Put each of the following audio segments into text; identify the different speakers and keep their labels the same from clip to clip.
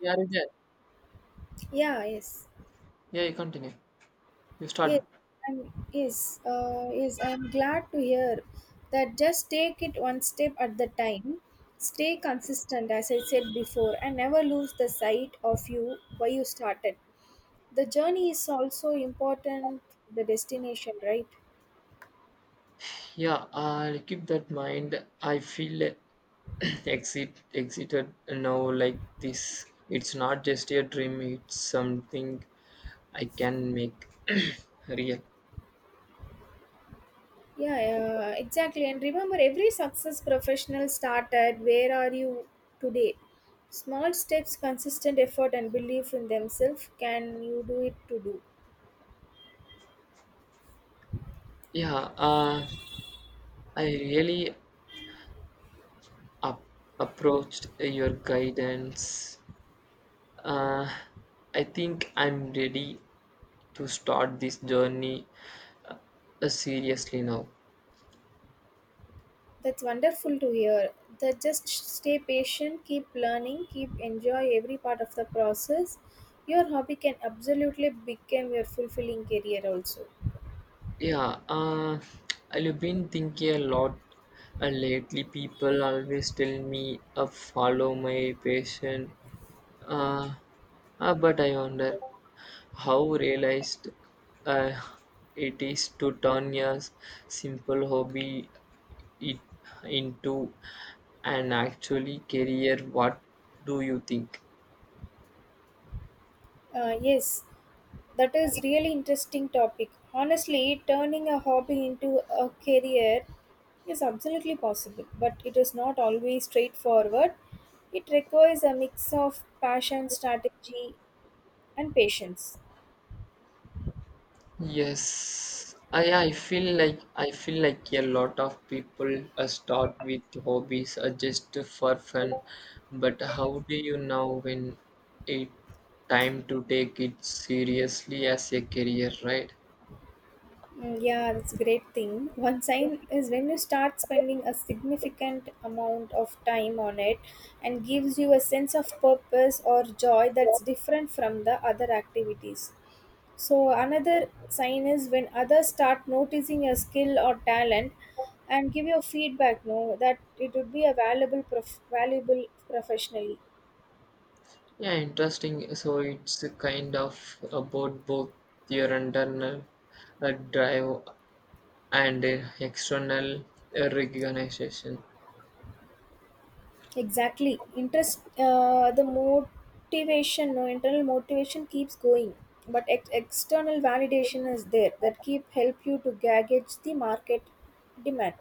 Speaker 1: Yeah, you did.
Speaker 2: Yeah, yes.
Speaker 1: Yeah, you continue. You
Speaker 2: Yes,
Speaker 1: start.
Speaker 2: yes, I'm glad to hear that just take it one step at the time. Stay consistent, as I said before, and never lose the sight of you why you started. The journey is also important, the destination, right?
Speaker 1: Yeah, I'll keep that mind. I feel exited now like this. It's not just a dream, it's something I can make real.
Speaker 2: Yeah, exactly. And remember, every success professional started, where are you today? Small steps, consistent effort, and belief in themselves can you do it to do.
Speaker 1: Yeah, uh, I really up approached your guidance. Uh, I think I'm ready to start this journey seriously now.
Speaker 2: That's wonderful to hear. That just stay patient, keep learning, keep enjoy every part of the process. Your hobby can absolutely become your fulfilling career also.
Speaker 1: Yeah, I've been thinking a lot lately. People always tell me follow my passion, uh, but I wonder how realized uh, it is to turn your simple hobby it into an actually career. What do you think?
Speaker 2: Yes, that is really interesting topic. Honestly, turning a hobby into a career is absolutely possible, but it is not always straightforward. It requires a mix of passion, strategy, and patience.
Speaker 1: Yes, I feel like I feel like a lot of people start with hobbies just for fun, but how do you know when it time to take it seriously as a career, right?
Speaker 2: Yeah, that's a great thing. One sign is when you start spending a significant amount of time on it and gives you a sense of purpose or joy that's different from the other activities. So, another sign is when others start noticing your skill or talent and give you feedback, no, that it would be a valuable, valuable professionally.
Speaker 1: Yeah, interesting. So it's a kind of about both your internal drive and external recognition.
Speaker 2: Exactly. Interest, the motivation, no internal motivation keeps going, but external validation is there that keep help you to gauge the market demand.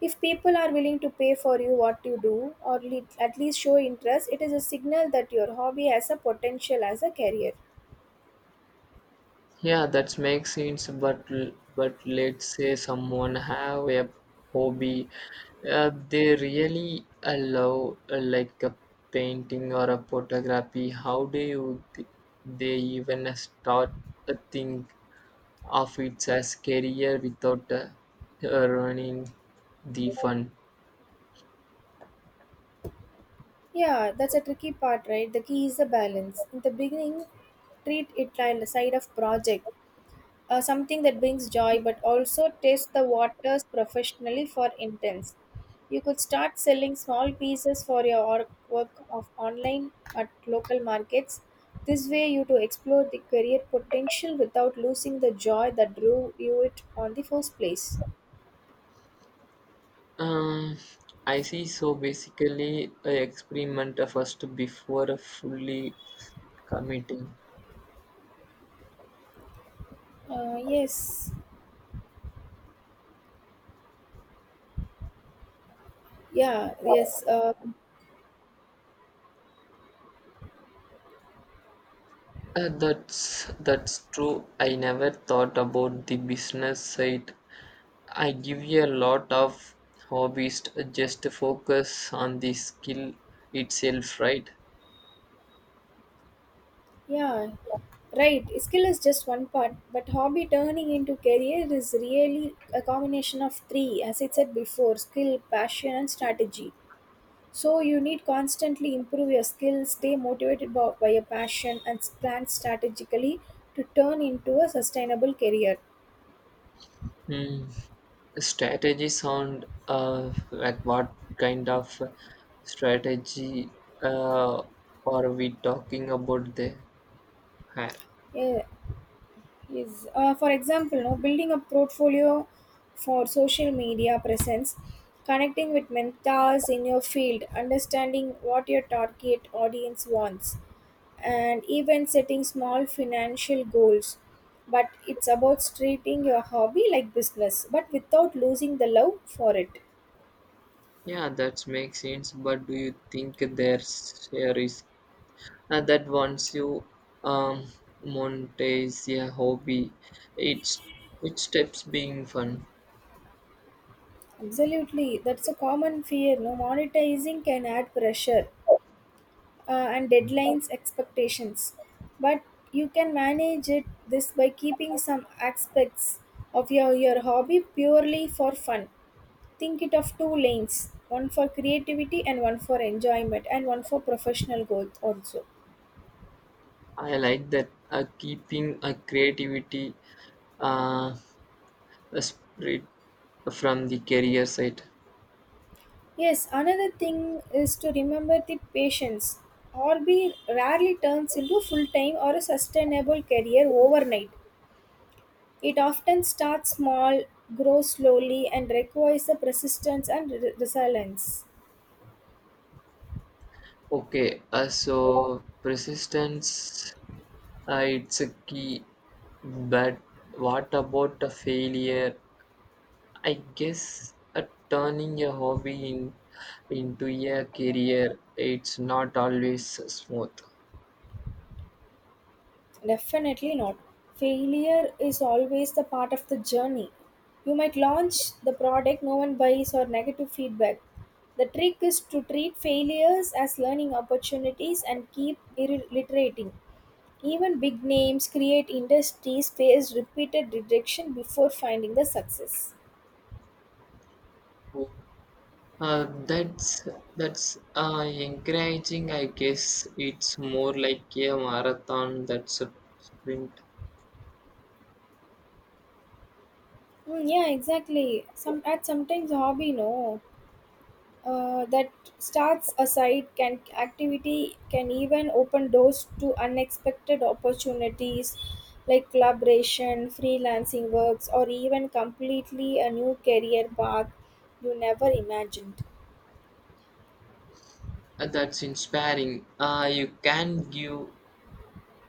Speaker 2: If people are willing to pay for you what you do, or at least show interest, it is a signal that your hobby has a potential as a career.
Speaker 1: Yeah, that makes sense. But but let's say someone have a hobby, they really allow like a painting or a photography. How do you they even start a thing of it as career without ruining the fun?
Speaker 2: Yeah, that's a tricky part, right? The key is the balance. In the beginning, treat it like a side of project, something that brings joy but also test the waters professionally for intents you could start selling small pieces for your work of online at local markets. This way you to explore the career potential without losing the joy that drew you it on the first place.
Speaker 1: Um, I see. So basically, a experiment first before fully committing.
Speaker 2: uh, yes yeah yes uh,
Speaker 1: That's true. I never thought about the business side. I give you a lot of hobbies to just to focus on the skill itself, right?
Speaker 2: yeah Right, skill is just one part, but hobby turning into career is really a combination of three, as I said before, skill, passion, and strategy. So, you need constantly improve your skills, stay motivated by your passion, and plan strategically to turn into a sustainable career.
Speaker 1: Hmm. Strategy sound like what kind of strategy uh, are we talking about there? Ha-
Speaker 2: Yeah, yes. For example, no, building a portfolio for social media presence, connecting with mentors in your field, understanding what your target audience wants, and even setting small financial goals. But it's about treating your hobby like business, but without losing the love for it.
Speaker 1: Yeah, that makes sense. But do you think there's a risk that once you um, monetize a hobby, it's it steps being fun.
Speaker 2: Absolutely, that's a common fear. No, monetizing can add pressure, and deadlines expectations, but you can manage it this by keeping some aspects of your hobby purely for fun. Think it of two lanes, one for creativity and one for enjoyment and one for professional growth also.
Speaker 1: I like that keeping a creativity uh, a spirit from the career side.
Speaker 2: Yes, another thing is to remember the patience. Hobby rarely turns into full time or a sustainable career overnight. It often starts small, grows slowly, and requires a persistence and resilience.
Speaker 1: Okay, so persistence it's a key, but what about a failure I guess turning a hobby into a career, it's not always smooth.
Speaker 2: Definitely not. Failure is always the part of the journey. You might launch the product no one buys or negative feedback. The trick is to treat failures as learning opportunities and keep iterating. Even big names create industries face repeated rejection before finding the success.
Speaker 1: Uh, that's that's encouraging. I guess it's more like a marathon that's a sprint.
Speaker 2: Yeah, exactly. Sometimes hobby no. That starts a site can activity can even open doors to unexpected opportunities like collaboration freelancing works or even completely a new career path you never imagined.
Speaker 1: That's inspiring. You can give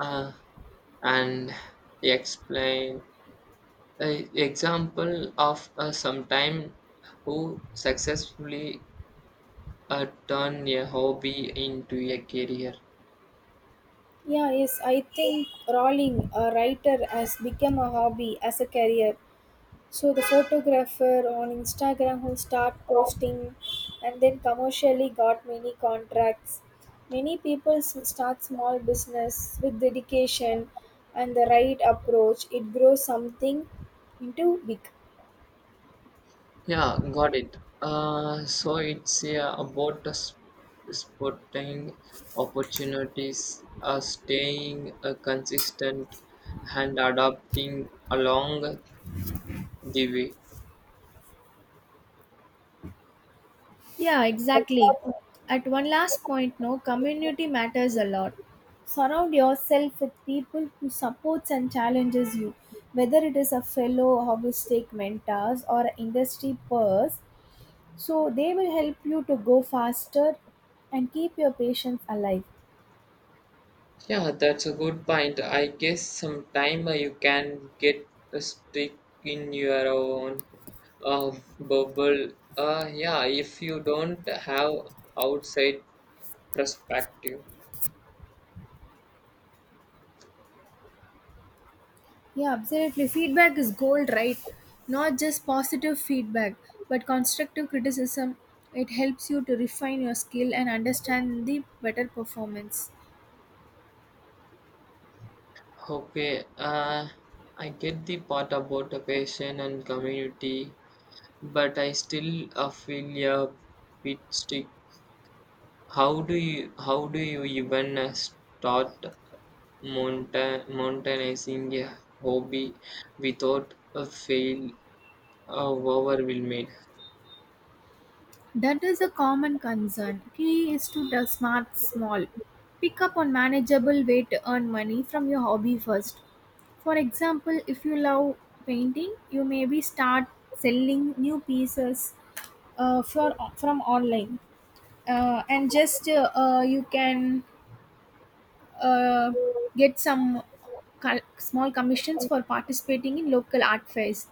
Speaker 1: uh, an explain example of sometime who successfully turn a hobby into a career.
Speaker 2: Yeah yes, I think rolling a writer has become a hobby as a career. So the photographer on Instagram who start posting and then commercially got many contracts. Many people start small business with dedication and the right approach. It grows something into big.
Speaker 1: Yeah, got it. So it's about the spotting opportunities, staying consistent, and adapting along the way.
Speaker 2: Yeah, exactly. At one last point, no, community matters a lot. Surround yourself with people who supports and challenges you, whether it is a fellow holistic mentors or an industry peers. So they will help you to go faster and keep your patients alive.
Speaker 1: Yeah, that's a good point. I guess sometime you can get stuck in your own uh, bubble. Yeah, if you don't have outside perspective.
Speaker 2: Yeah, absolutely. Feedback is gold, right? Not just positive feedback, but constructive criticism. It helps you to refine your skill and understand the better performance.
Speaker 1: Okay, I get the part about the passion and community, but I still feel a bit stuck. How do you even start mountainizing a hobby without a fail overwhelmed?
Speaker 2: That is a common concern. Key is to the smart small. Pick up on manageable way to earn money from your hobby first. For example, if you love painting, you maybe start selling new pieces, for from online, and just you can uh, get some small commissions for participating in local art fairs.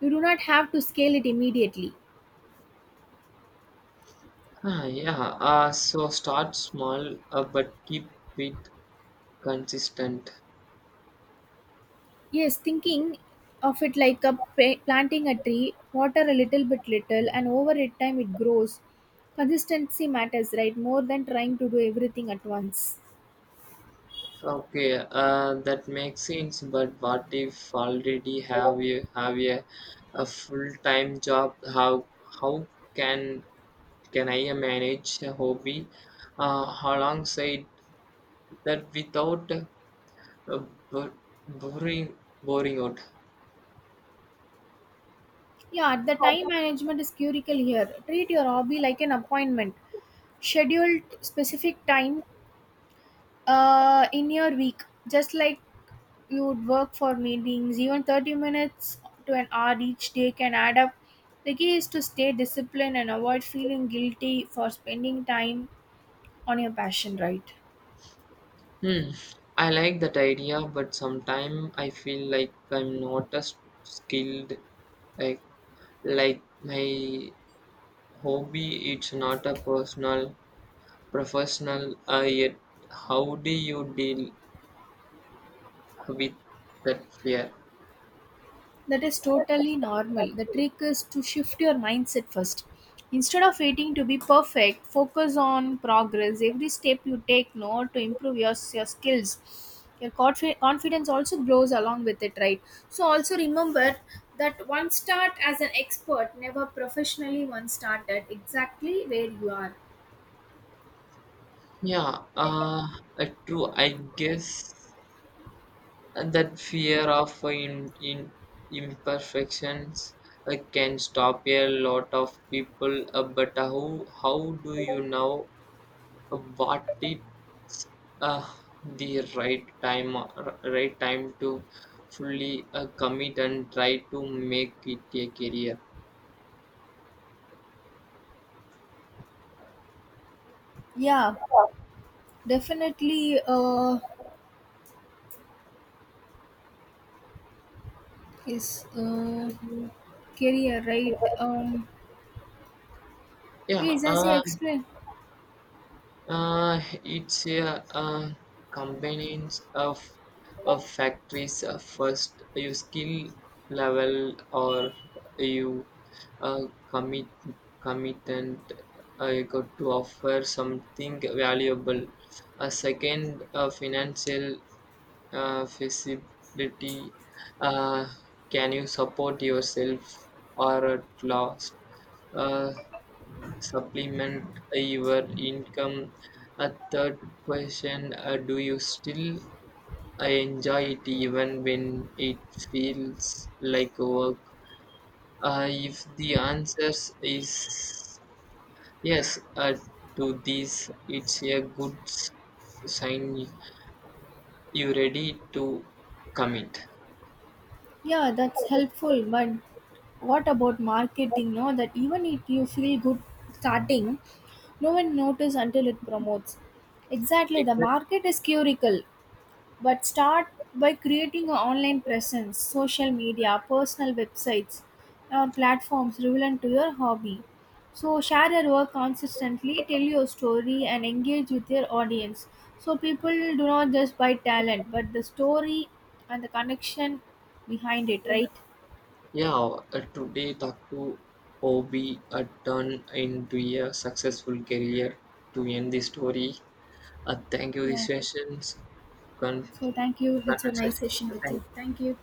Speaker 2: You do not have to scale it immediately.
Speaker 1: Ah, yeah. So start small, but keep it consistent.
Speaker 2: Yes, thinking of it like a planting a tree, water a little bit little and over it time it grows. Consistency matters, right, more than trying to do everything at once.
Speaker 1: Okay, that makes sense. But what if already have you have a full time job? How can can I manage a hobby alongside that without bur boring boring out?
Speaker 2: Yeah, the time management is curical here. Treat your hobby like an appointment, scheduled specific time in your week, just like you would work for meetings. Even 30 minutes to an hour each day can add up. The key is to stay disciplined and avoid feeling guilty for spending time on your passion, right?
Speaker 1: Hmm. I like that idea, but sometimes I feel like I'm not as skilled. Like like my hobby, it's not a personal. Professional yet how do you deal with that fear?
Speaker 2: That is totally normal. The trick is to shift your mindset first. Instead of waiting to be perfect, focus on progress. Every step you take now to improve your skills. Your confidence also grows along with it, right? So, also remember that one start as an expert, never professionally one start at exactly where you are.
Speaker 1: yeah uh, True I guess that fear of in imperfections can stop a lot of people but how do you know what it uh, the right time right time to fully commit and try to make it a career?
Speaker 2: Yeah, definitely. His Career, right?
Speaker 1: yeah,
Speaker 2: Yes, as you
Speaker 1: uh,
Speaker 2: explained.
Speaker 1: It's a combinations of factories. First, you skill level or you uh, commit commitment. You got to offer something valuable. A second, financial feasibility. Uh, can you support yourself or at last? Uh, supplement your income. A third question, do you still enjoy it even when it feels like work? If the answer is yes to this, it's a good sign you ready to commit.
Speaker 2: Yeah, that's helpful. But what about marketing? No, that even if you feel good starting, no one notice until it promotes. Exactly, the
Speaker 1: Exact-
Speaker 2: market is curical, but start by creating an online presence, social media, personal websites, or platforms relevant to your hobby. So share your work consistently, tell your story and engage with your audience, so people do not just buy talent but the story and the connection behind it, right?
Speaker 1: Yeah, today Taku Obi turned into a successful career to end the story. Thank you.
Speaker 2: Yeah.
Speaker 1: These sessions, con-
Speaker 2: So thank you. It's a nice
Speaker 1: conversations.
Speaker 2: session with you.
Speaker 1: Thank you.
Speaker 2: Thank you.